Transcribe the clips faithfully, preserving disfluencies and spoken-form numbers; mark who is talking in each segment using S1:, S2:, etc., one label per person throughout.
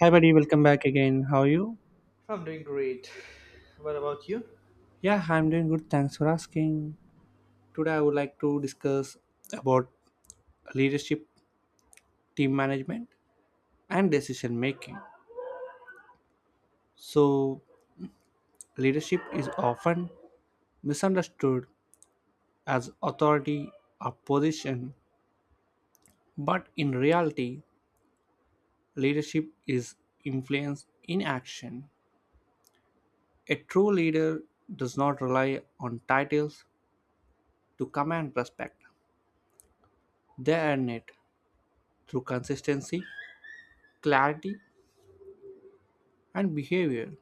S1: Hi, buddy. Welcome back again. How are you?
S2: I'm doing great. What about you?
S1: Yeah, I'm doing good. Thanks for asking. Today, I would like to discuss about leadership, team management, and decision making. So, leadership is often misunderstood as authority or position, but in reality, leadership is influence in action. A true leader does not rely on titles to command respect. They earn it through consistency, clarity, and behavior.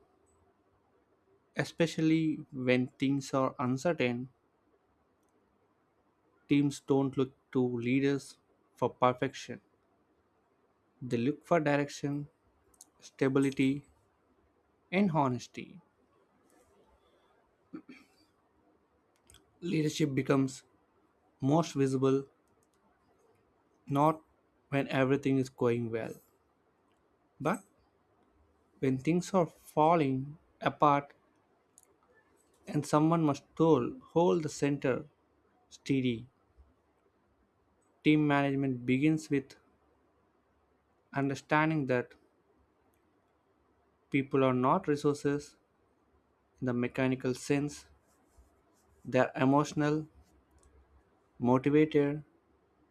S1: Especially when things are uncertain, teams don't look to leaders for perfection. They look for direction, stability, and honesty. Leadership becomes most visible not when everything is going well, but when things are falling apart and someone must hold, hold the center steady. Team management begins with understanding that people are not resources in the mechanical sense. They are emotional, motivated,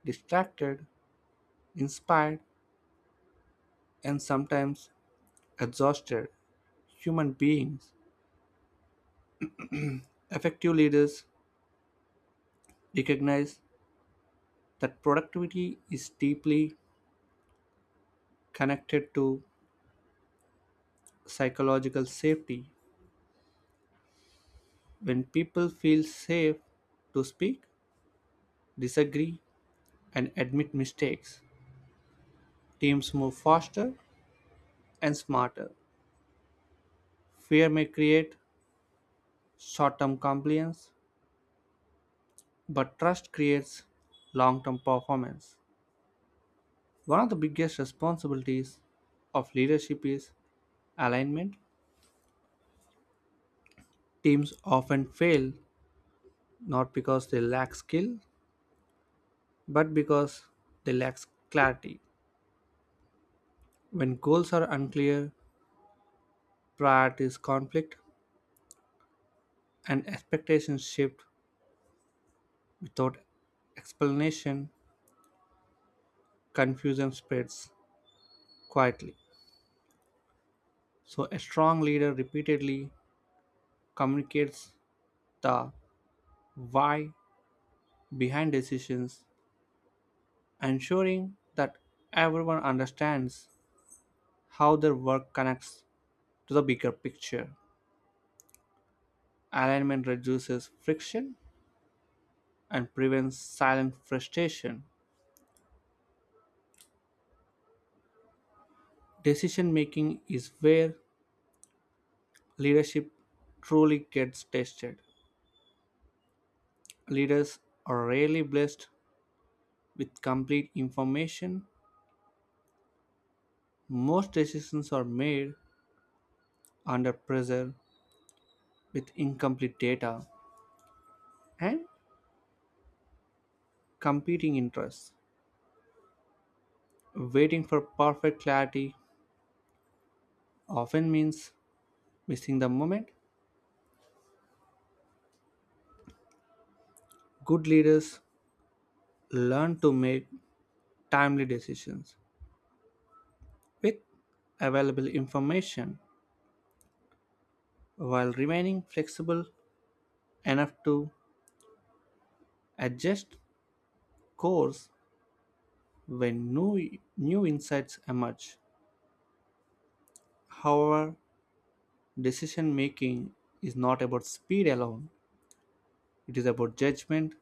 S1: distracted, inspired, and sometimes exhausted human beings. Effective leaders recognize that productivity is deeply connected to psychological safety. When people feel safe to speak, disagree, and admit mistakes, teams move faster and smarter. Fear may create short term compliance, but trust creates long term performance. One of the biggest responsibilities of leadership is alignment. Teams often fail not because they lack skill, but because they lack clarity. When goals are unclear, priorities conflict, and expectations shift without explanation, confusion spreads quietly. So, a strong leader repeatedly communicates the why behind decisions, ensuring that everyone understands how their work connects to the bigger picture. Alignment reduces friction and prevents silent frustration. Decision making is where leadership truly gets tested. Leaders are rarely blessed with complete information. Most decisions are made under pressure with incomplete data and competing interests. Waiting for perfect clarity often means missing the moment. Good leaders learn to make timely decisions with available information while remaining flexible enough to adjust course when new, new insights emerge. However, decision making is not about speed alone, it is about judgment.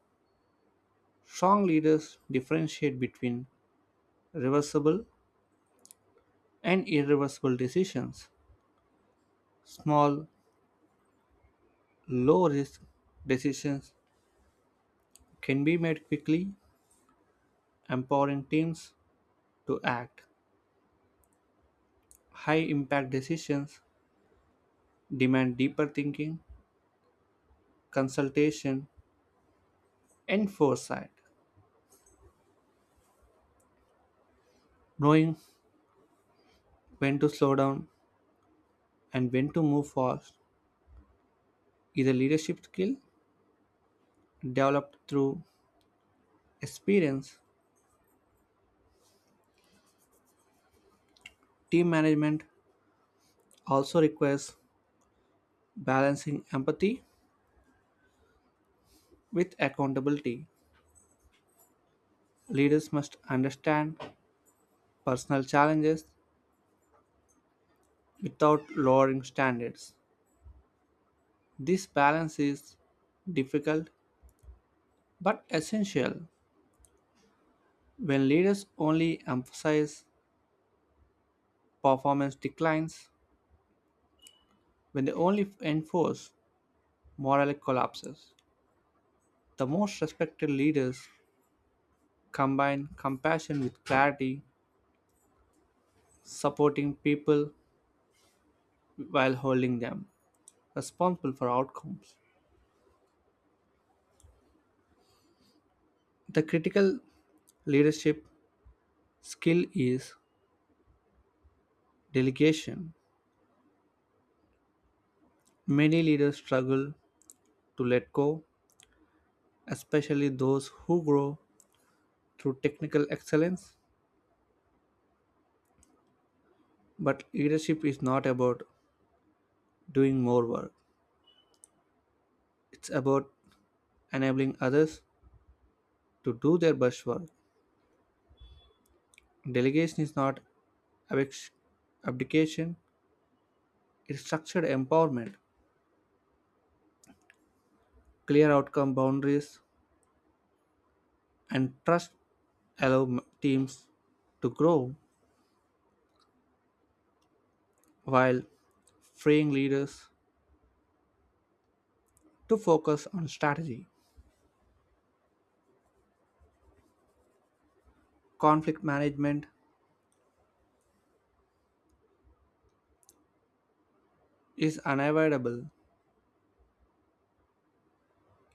S1: Strong leaders differentiate between reversible and irreversible decisions. Small, low risk decisions can be made quickly, empowering teams to act. High impact decisions demand deeper thinking, consultation, and foresight. Knowing when to slow down and when to move fast is a leadership skill developed through experience. Team management also requires balancing empathy with accountability. Leaders must understand personal challenges without lowering standards. This balance is difficult but essential. When leaders only emphasize, performance declines; when they only enforce, moral collapses. The most respected leaders combine compassion with clarity, supporting people while holding them responsible for outcomes. The critical leadership skill is delegation. Many leaders struggle to let go, especially those who grow through technical excellence. But leadership is not about doing more work, it's about enabling others to do their best work. Delegation is not abdic- abdication, it's structured empowerment. Clear outcome boundaries and trust allow m- teams to grow while freeing leaders to focus on strategy. Conflict management is unavoidable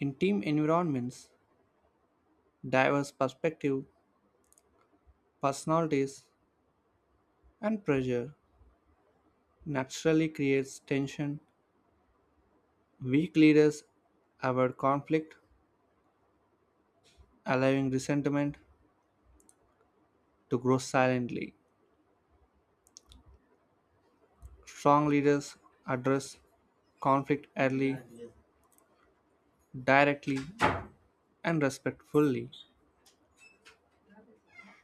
S1: in team environments. Diverse perspective, personalities, and pressure naturally creates tension. Weak leaders avoid conflict, allowing resentment to grow silently. Strong leaders address conflict early, directly, and respectfully.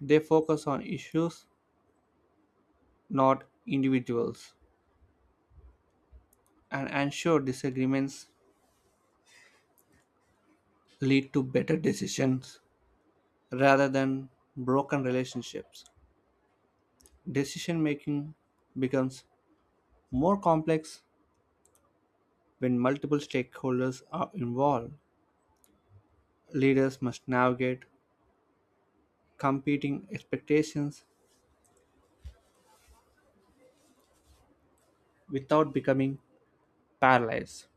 S1: They focus on issues, not individuals, and ensure disagreements lead to better decisions rather than broken relationships. Decision making becomes more complex when multiple stakeholders are involved. Leaders must navigate competing expectations without becoming paralyzed.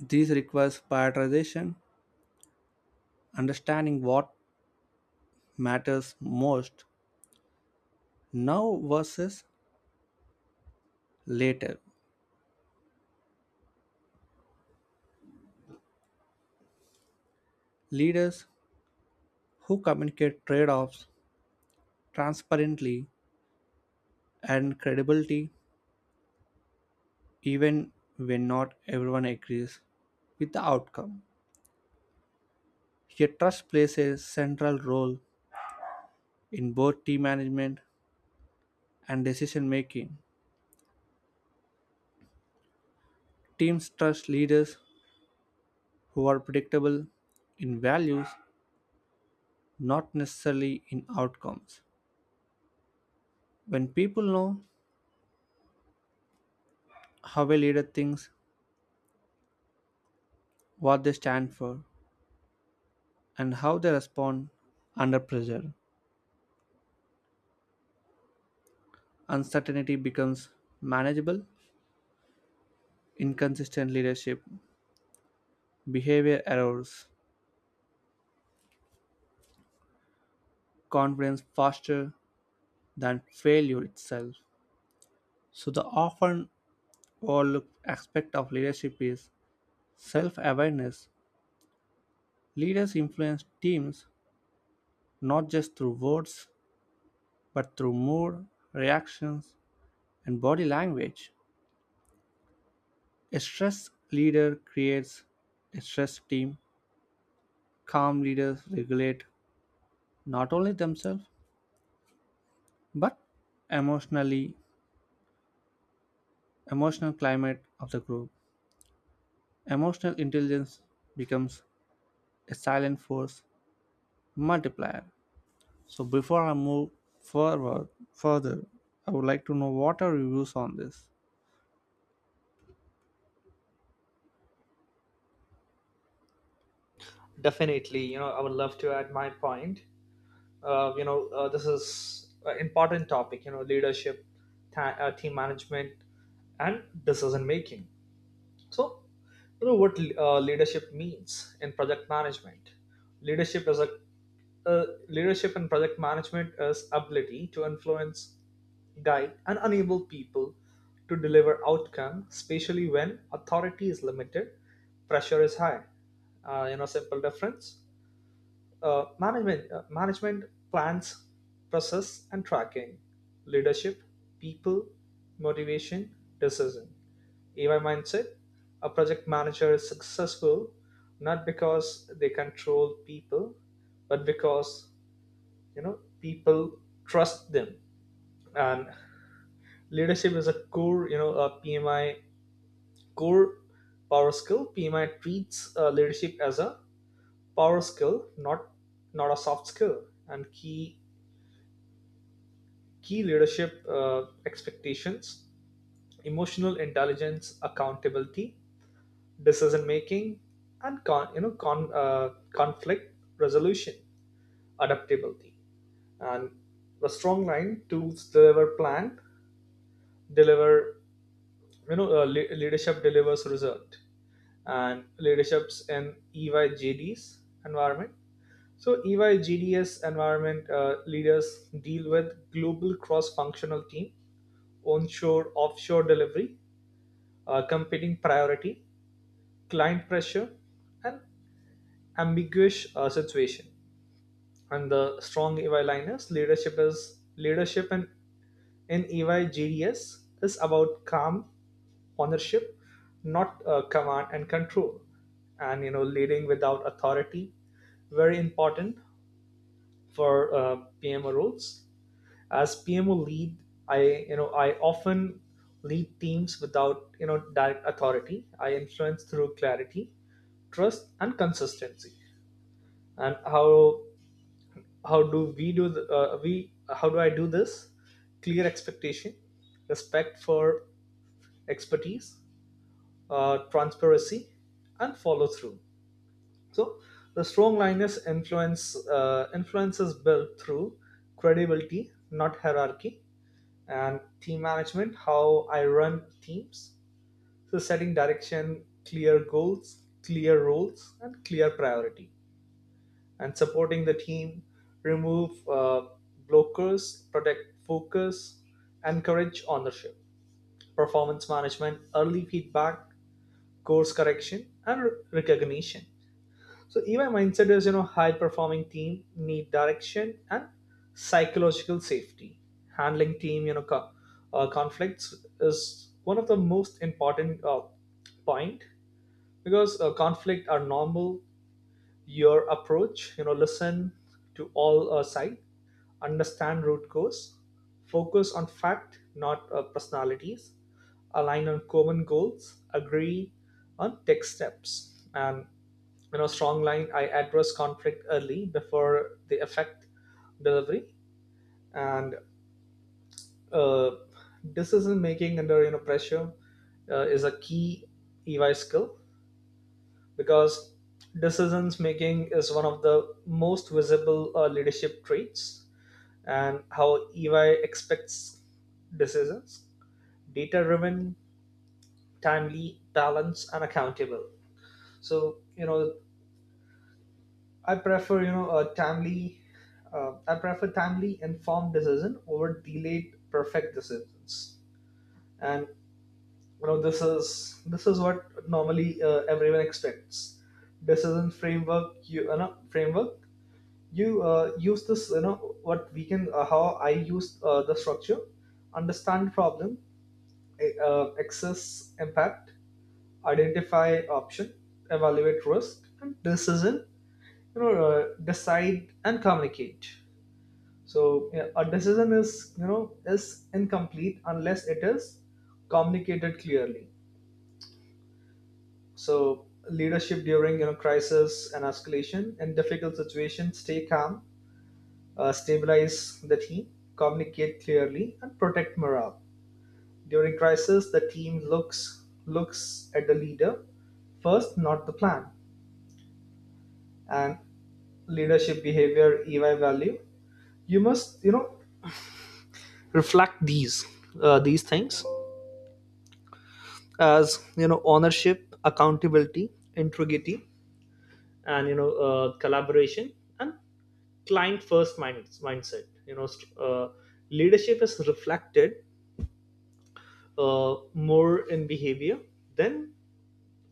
S1: This requires prioritization, understanding what matters most now versus later. Leaders who communicate trade offs transparently and credibility, even when not everyone agrees with the outcome, a trust plays a central role in both team management and decision making. Teams trust leaders who are predictable in values, not necessarily in outcomes. When people know how a leader thinks, what they stand for, and how they respond under pressure, uncertainty becomes manageable. Inconsistent leadership, behavior errors, confidence faster than failure itself. So the often overlooked aspect of leadership is self awareness. Leaders influence teams not just through words, but through mood, reactions, and body language. A stressed leader creates a stressed team. Calm leaders regulate not only themselves, but emotionally emotional climate of the group. Emotional intelligence becomes a silent force multiplier. So before I move forward further, I would like to know, what are your views on this?
S2: Definitely, you know, I would love to add my point. Uh, you know, uh, this is an important topic, you know, leadership, ta- uh, team management, and decision making. So, you know what uh, leadership means in project management? Leadership is a uh, Leadership and project management is ability to influence, guide and enable people to deliver outcome, especially when authority is limited, pressure is high. Uh, you know, simple difference. Uh, management uh, management plans, process and tracking. Leadership, people, motivation, decision, ay mindset. A project manager is successful not because they control people, but because, you know, people trust them. And leadership is a core, you know, a PMI core power skill. PMI treats uh, leadership as a power skill, not not a soft skill. And key key leadership uh, expectations: emotional intelligence, accountability, decision making, and con, you know con, uh, conflict resolution, adaptability. And a strong line, tools deliver plan, deliver, you know, uh, le- leadership delivers result. And leaderships in E Y J D's environment. So E Y J D S environment, uh, leaders deal with global cross-functional team, onshore, offshore delivery, uh, competing priority, client pressure, and ambiguous uh, situation. And the strong E Y liners leadership is leadership and in E Y G D S is about calm ownership, not uh, command and control, and, you know, leading without authority. Very important for uh, P M O roles. As P M O lead, I you know I often lead teams without, you know, direct authority. I influence through clarity, trust, and consistency. And how how do we do the, uh, we how do I do this? Clear expectation, respect for expertise, uh, transparency, and follow through. So the strong linus influence uh, influence is built through credibility, not hierarchy. And team management, how I run teams. So setting direction, clear goals, clear roles, and clear priority, and supporting the team, remove uh, blockers, protect focus, encourage ownership, performance management, early feedback, course correction, and recognition. So E Y mindset is, you know, high performing team need direction and psychological safety. Handling team, you know, co- uh, conflicts is one of the most important uh, point, because uh, conflict are normal. Your approach, you know, listen to all uh, side, understand root cause, focus on fact, not uh, personalities, align on common goals, agree on tech steps, and, you know, strong line, I address conflict early before they affect delivery. And uh, decision making under, you know, pressure uh, is a key E Y skill, because decisions making is one of the most visible uh, leadership traits. And how E Y expects decisions: data driven, timely, balanced and accountable. So, you know, I prefer you know a timely uh, I prefer timely informed decision over delayed perfect decisions. And, you know, this is this is what normally uh, everyone expects. Decision framework, you, you know framework you uh, use this, you know, what we can uh, how I use uh, the structure. Understand problem, a- uh, access impact, identify option, evaluate risk and decision, you know, uh, decide and communicate. So yeah, a decision is, you know, is incomplete unless it is communicated clearly. So leadership during, you know, crisis and escalation, in difficult situations stay calm, uh, stabilize the team, communicate clearly, and protect morale. During crisis, the team looks looks at the leader first, not the plan. And leadership behavior, E Y value. You must, you know, reflect these uh, these things, as you know, ownership, accountability, integrity, and, you know, uh, collaboration and client first mind- mindset. You know, st- uh, leadership is reflected uh, more in behavior than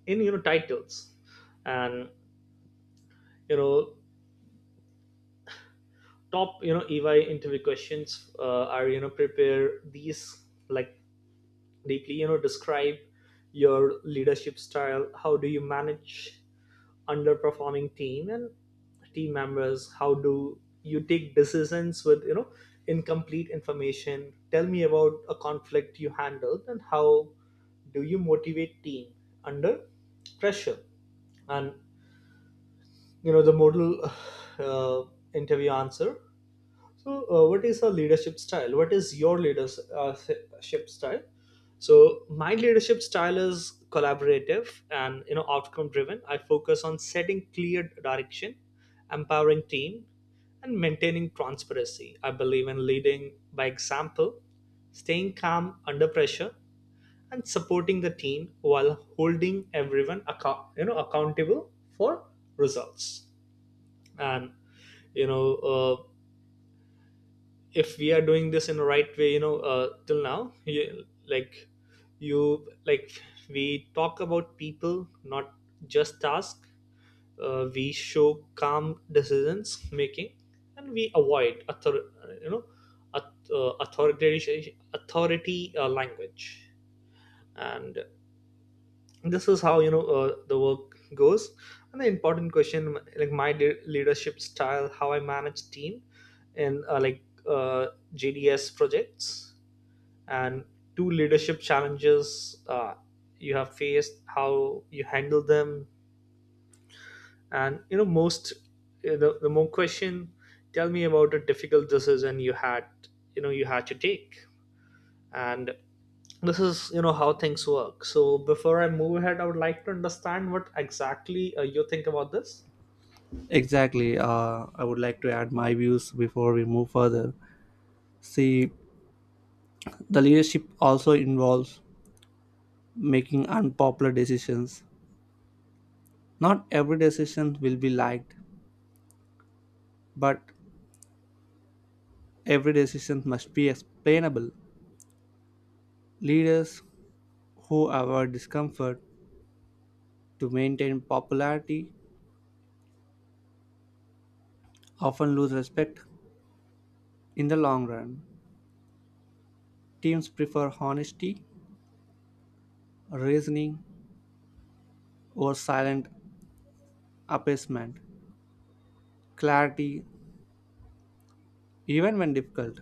S2: in, you know, titles. And, you know, top, you know, E Y interview questions, uh, are, you know, prepare these like deeply, you know. Describe your leadership style, how do you manage underperforming team and team members, how do you take decisions with, you know, incomplete information, tell me about a conflict you handled and how do you motivate team under pressure. And, you know, the modal uh, interview answer. So, uh, what is a leadership style? What is your leadership style? So, my leadership style is collaborative and, you know, outcome driven. I focus on setting clear direction, empowering team, and maintaining transparency. I believe in leading by example, staying calm under pressure, and supporting the team while holding everyone account you know accountable for results. And, you know. Uh, if we are doing this in the right way, you know, uh, till now you, like you like we talk about people, not just task, uh, we show calm decisions making, and we avoid author you know auth- uh, authoritarian authority uh, language. And this is how, you know, uh, the work goes. And the important question, like my le- leadership style, how I manage team in uh, like uh, J D S projects, and two leadership challenges uh, you have faced, how you handle them. And, you know, most uh, the, the more question, tell me about a difficult decision you had you know you had to take. And this is, you know, how things work. So before I move ahead, I would like to understand what exactly uh, you think about this.
S1: Exactly. Uh, I would like to add my views before we move further. See, the leadership also involves making unpopular decisions. Not every decision will be liked, but every decision must be explainable. Leaders who avoid discomfort to maintain popularity often lose respect in the long run. Teams prefer honesty, reasoning, or silent appeasement. Clarity, even when difficult,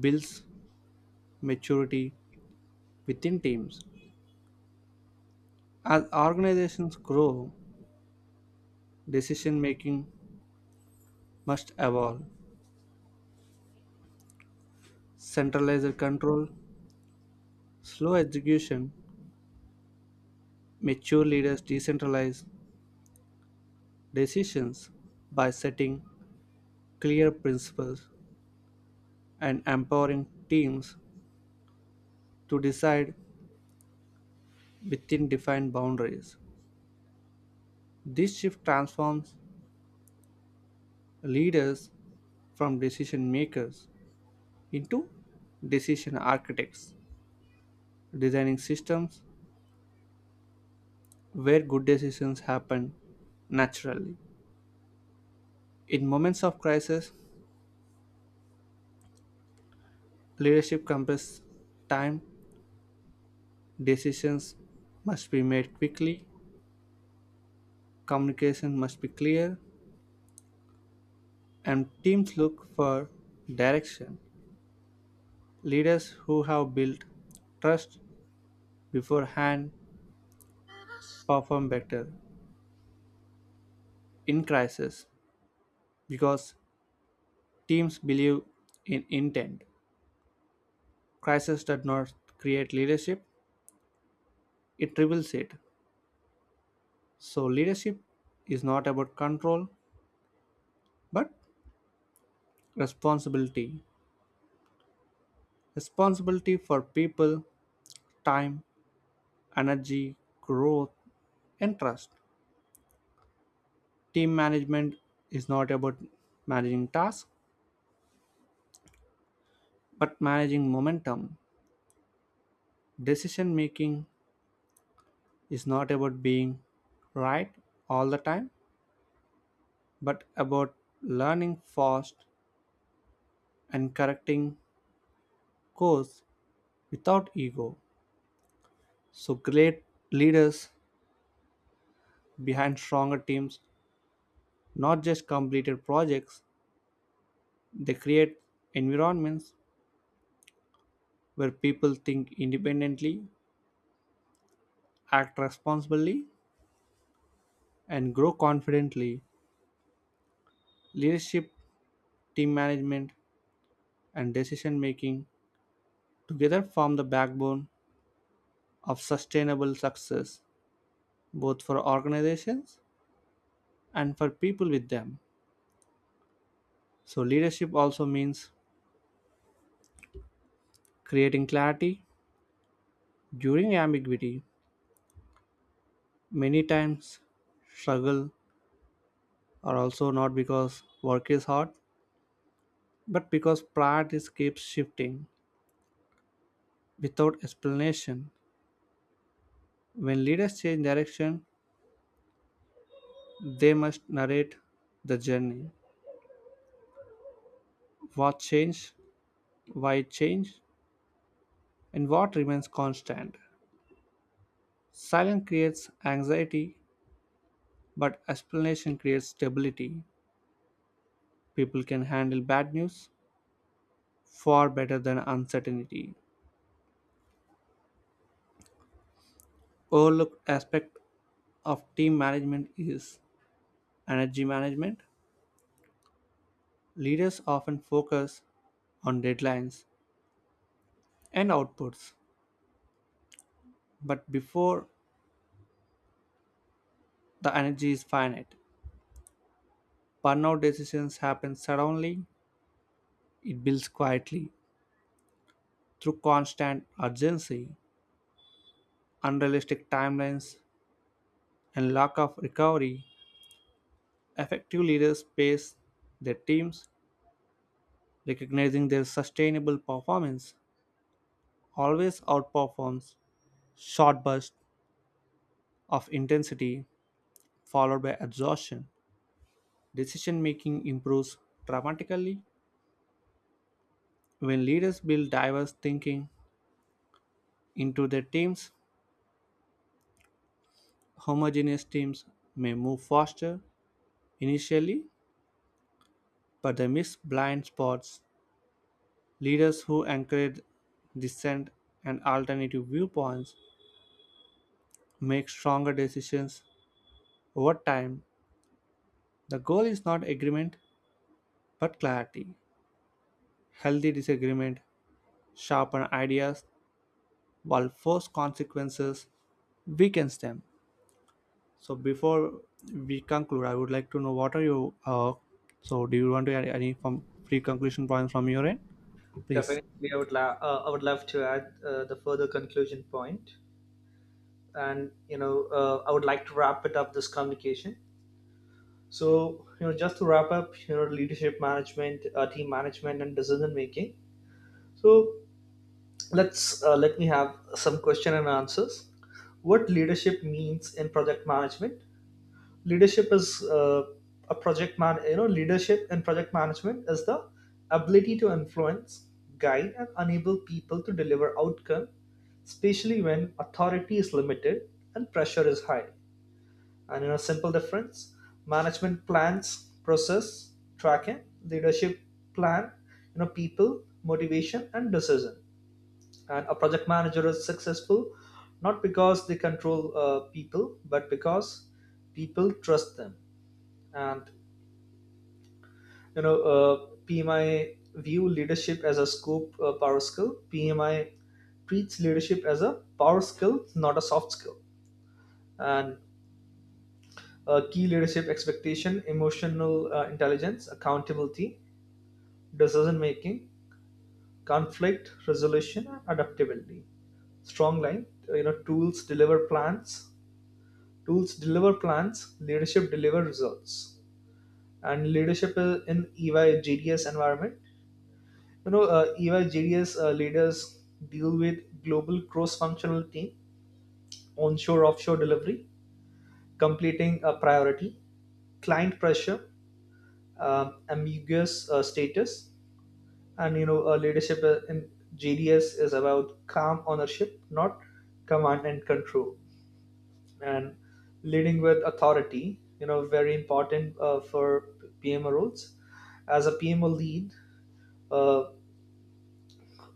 S1: builds maturity within teams. As organizations grow, decision making must evolve. Centralized control, slow execution; mature leaders decentralize decisions by setting clear principles and empowering teams to decide within defined boundaries. This shift transforms leaders from decision makers into decision architects, designing systems where good decisions happen naturally. In moments of crisis, leadership compass time, decisions must be made quickly, communication must be clear, and teams look for direction. Leaders who have built trust beforehand perform better in crisis because teams believe in intent. Crisis does not create leadership, it reveals it. So, leadership is not about control but responsibility. Responsibility for people, time, energy, growth, and trust. Team management is not about managing tasks but managing momentum. Decision making is not about being right all the time but about learning fast and correcting course without ego. So great leaders behind stronger teams, not just completed projects. They create environments where people think independently, act responsibly, and grow confidently. Leadership, team management, and decision making together form the backbone of sustainable success, both for organizations and for people with them. So, leadership also means creating clarity during ambiguity. Many times, struggle are also not because work is hard, but because priorities keep shifting without explanation. When leaders change direction, they must narrate the journey. What changed, why it changed, and what remains constant. Silence creates anxiety, but explanation creates stability. People can handle bad news far better than uncertainty. Overlooked aspect of team management is energy management. Leaders often focus on deadlines and outputs. But before, the energy is finite, burnout decisions happen suddenly, it builds quietly through constant urgency, unrealistic timelines, and lack of recovery. Effective leaders pace their teams, recognizing their sustainable performance always outperforms short bursts of intensity followed by exhaustion. Decision making improves dramatically when leaders build diverse thinking into their teams. Homogeneous teams may move faster initially, but they miss blind spots. Leaders who encourage dissent and alternative viewpoints make stronger decisions over time. The goal is not agreement but clarity. Healthy disagreement sharpen ideas while forced consequences weakens them. So before we conclude, I would like to know what are you. Uh, So do you want to add any from free conclusion points from your end, please?
S2: Definitely I would la- uh, I would love to add uh, the further conclusion point. And, you know, uh, I would like to wrap it up, this communication. So, you know, just to wrap up, you know, leadership management, uh, team management and decision making. So let's uh, let me have some question and answers. What leadership means in project management? Leadership is uh, a project man you know Leadership in project management is the ability to influence, guide and enable people to deliver outcome, especially when authority is limited and pressure is high. And in a simple difference, management plans process tracking, leadership plan, you know, people motivation and decision. And a project manager is successful not because they control uh, people, but because people trust them. And, you know, uh, P M I view leadership as a scope uh, power skill. P M I treats leadership as a power skill, not a soft skill. And uh, key leadership expectation: emotional uh, intelligence, accountability, decision making, conflict resolution, adaptability. Strong line. uh, You know, tools deliver plans. Tools deliver plans. Leadership deliver results. And leadership i- in E Y environment. You know, uh, E Y J D S uh, leaders deal with global cross-functional team, onshore-offshore delivery, completing a priority, client pressure, um, ambiguous uh, status. And, you know, uh, leadership uh, in J D S is about calm ownership, not command and control, and leading with authority. You know, very important uh, for P M O roles. As a P M O lead, uh,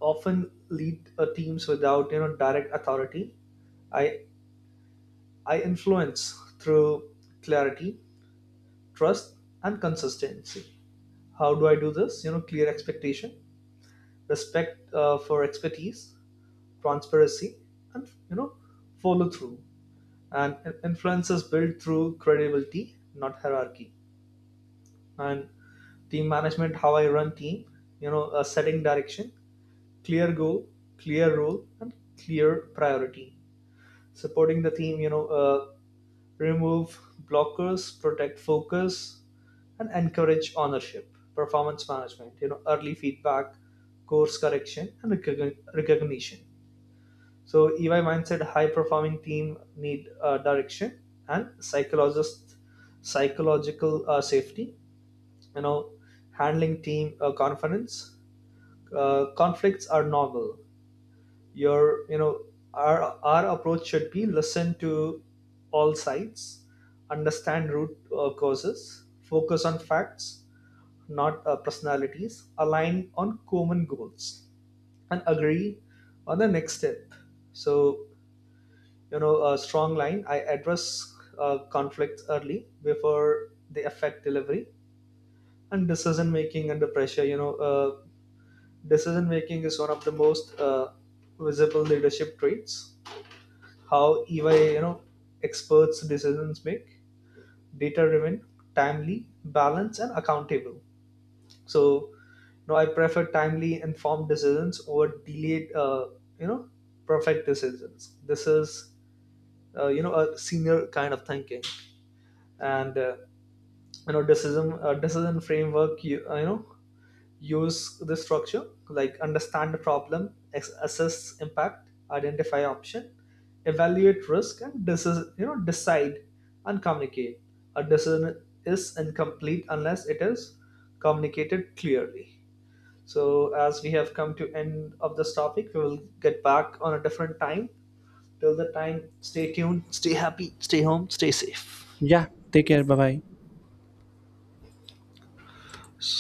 S2: often lead uh, teams without, you know, direct authority. I I influence through clarity, trust, and consistency. How do I do this? You know, clear expectation, respect uh, for expertise, transparency, and, you know, follow through. And in- influence is built through credibility, not hierarchy. And team management, how I run team, you know, uh, setting direction, clear goal, clear role, and clear priority, supporting the theme, you know, uh, remove blockers, protect focus, and encourage ownership, performance management, you know, early feedback, course correction, and recogni- recognition. So EY mindset, high performing team need uh, direction and psychologist psychological uh, safety. You know, handling team uh, confidence uh, conflicts are normal. Your you know our our approach should be listen to all sides, understand root uh, causes, focus on facts, not uh, personalities, align on common goals and agree on the next step. So, you know, a strong line, I address uh, conflicts early before they affect delivery. And decision making under pressure, you know, uh, decision making is one of the most uh, visible leadership traits. How even, you know, experts decisions make: data driven, timely, balanced and accountable. So, you know, I prefer timely, informed decisions over delayed, uh, you know, perfect decisions. This is, uh, you know, a senior kind of thinking. And uh, you know, decision uh, decision framework. You, uh, you know, use the structure like understand the problem, ex- assess impact, identify option, evaluate risk, and this is, you know, decide and communicate. A decision is incomplete unless it is communicated clearly. So as we have come to end of this topic, we will get back on a different time. Till the time, stay tuned, stay happy, stay home, stay safe.
S1: Yeah, take care. Bye bye.
S2: So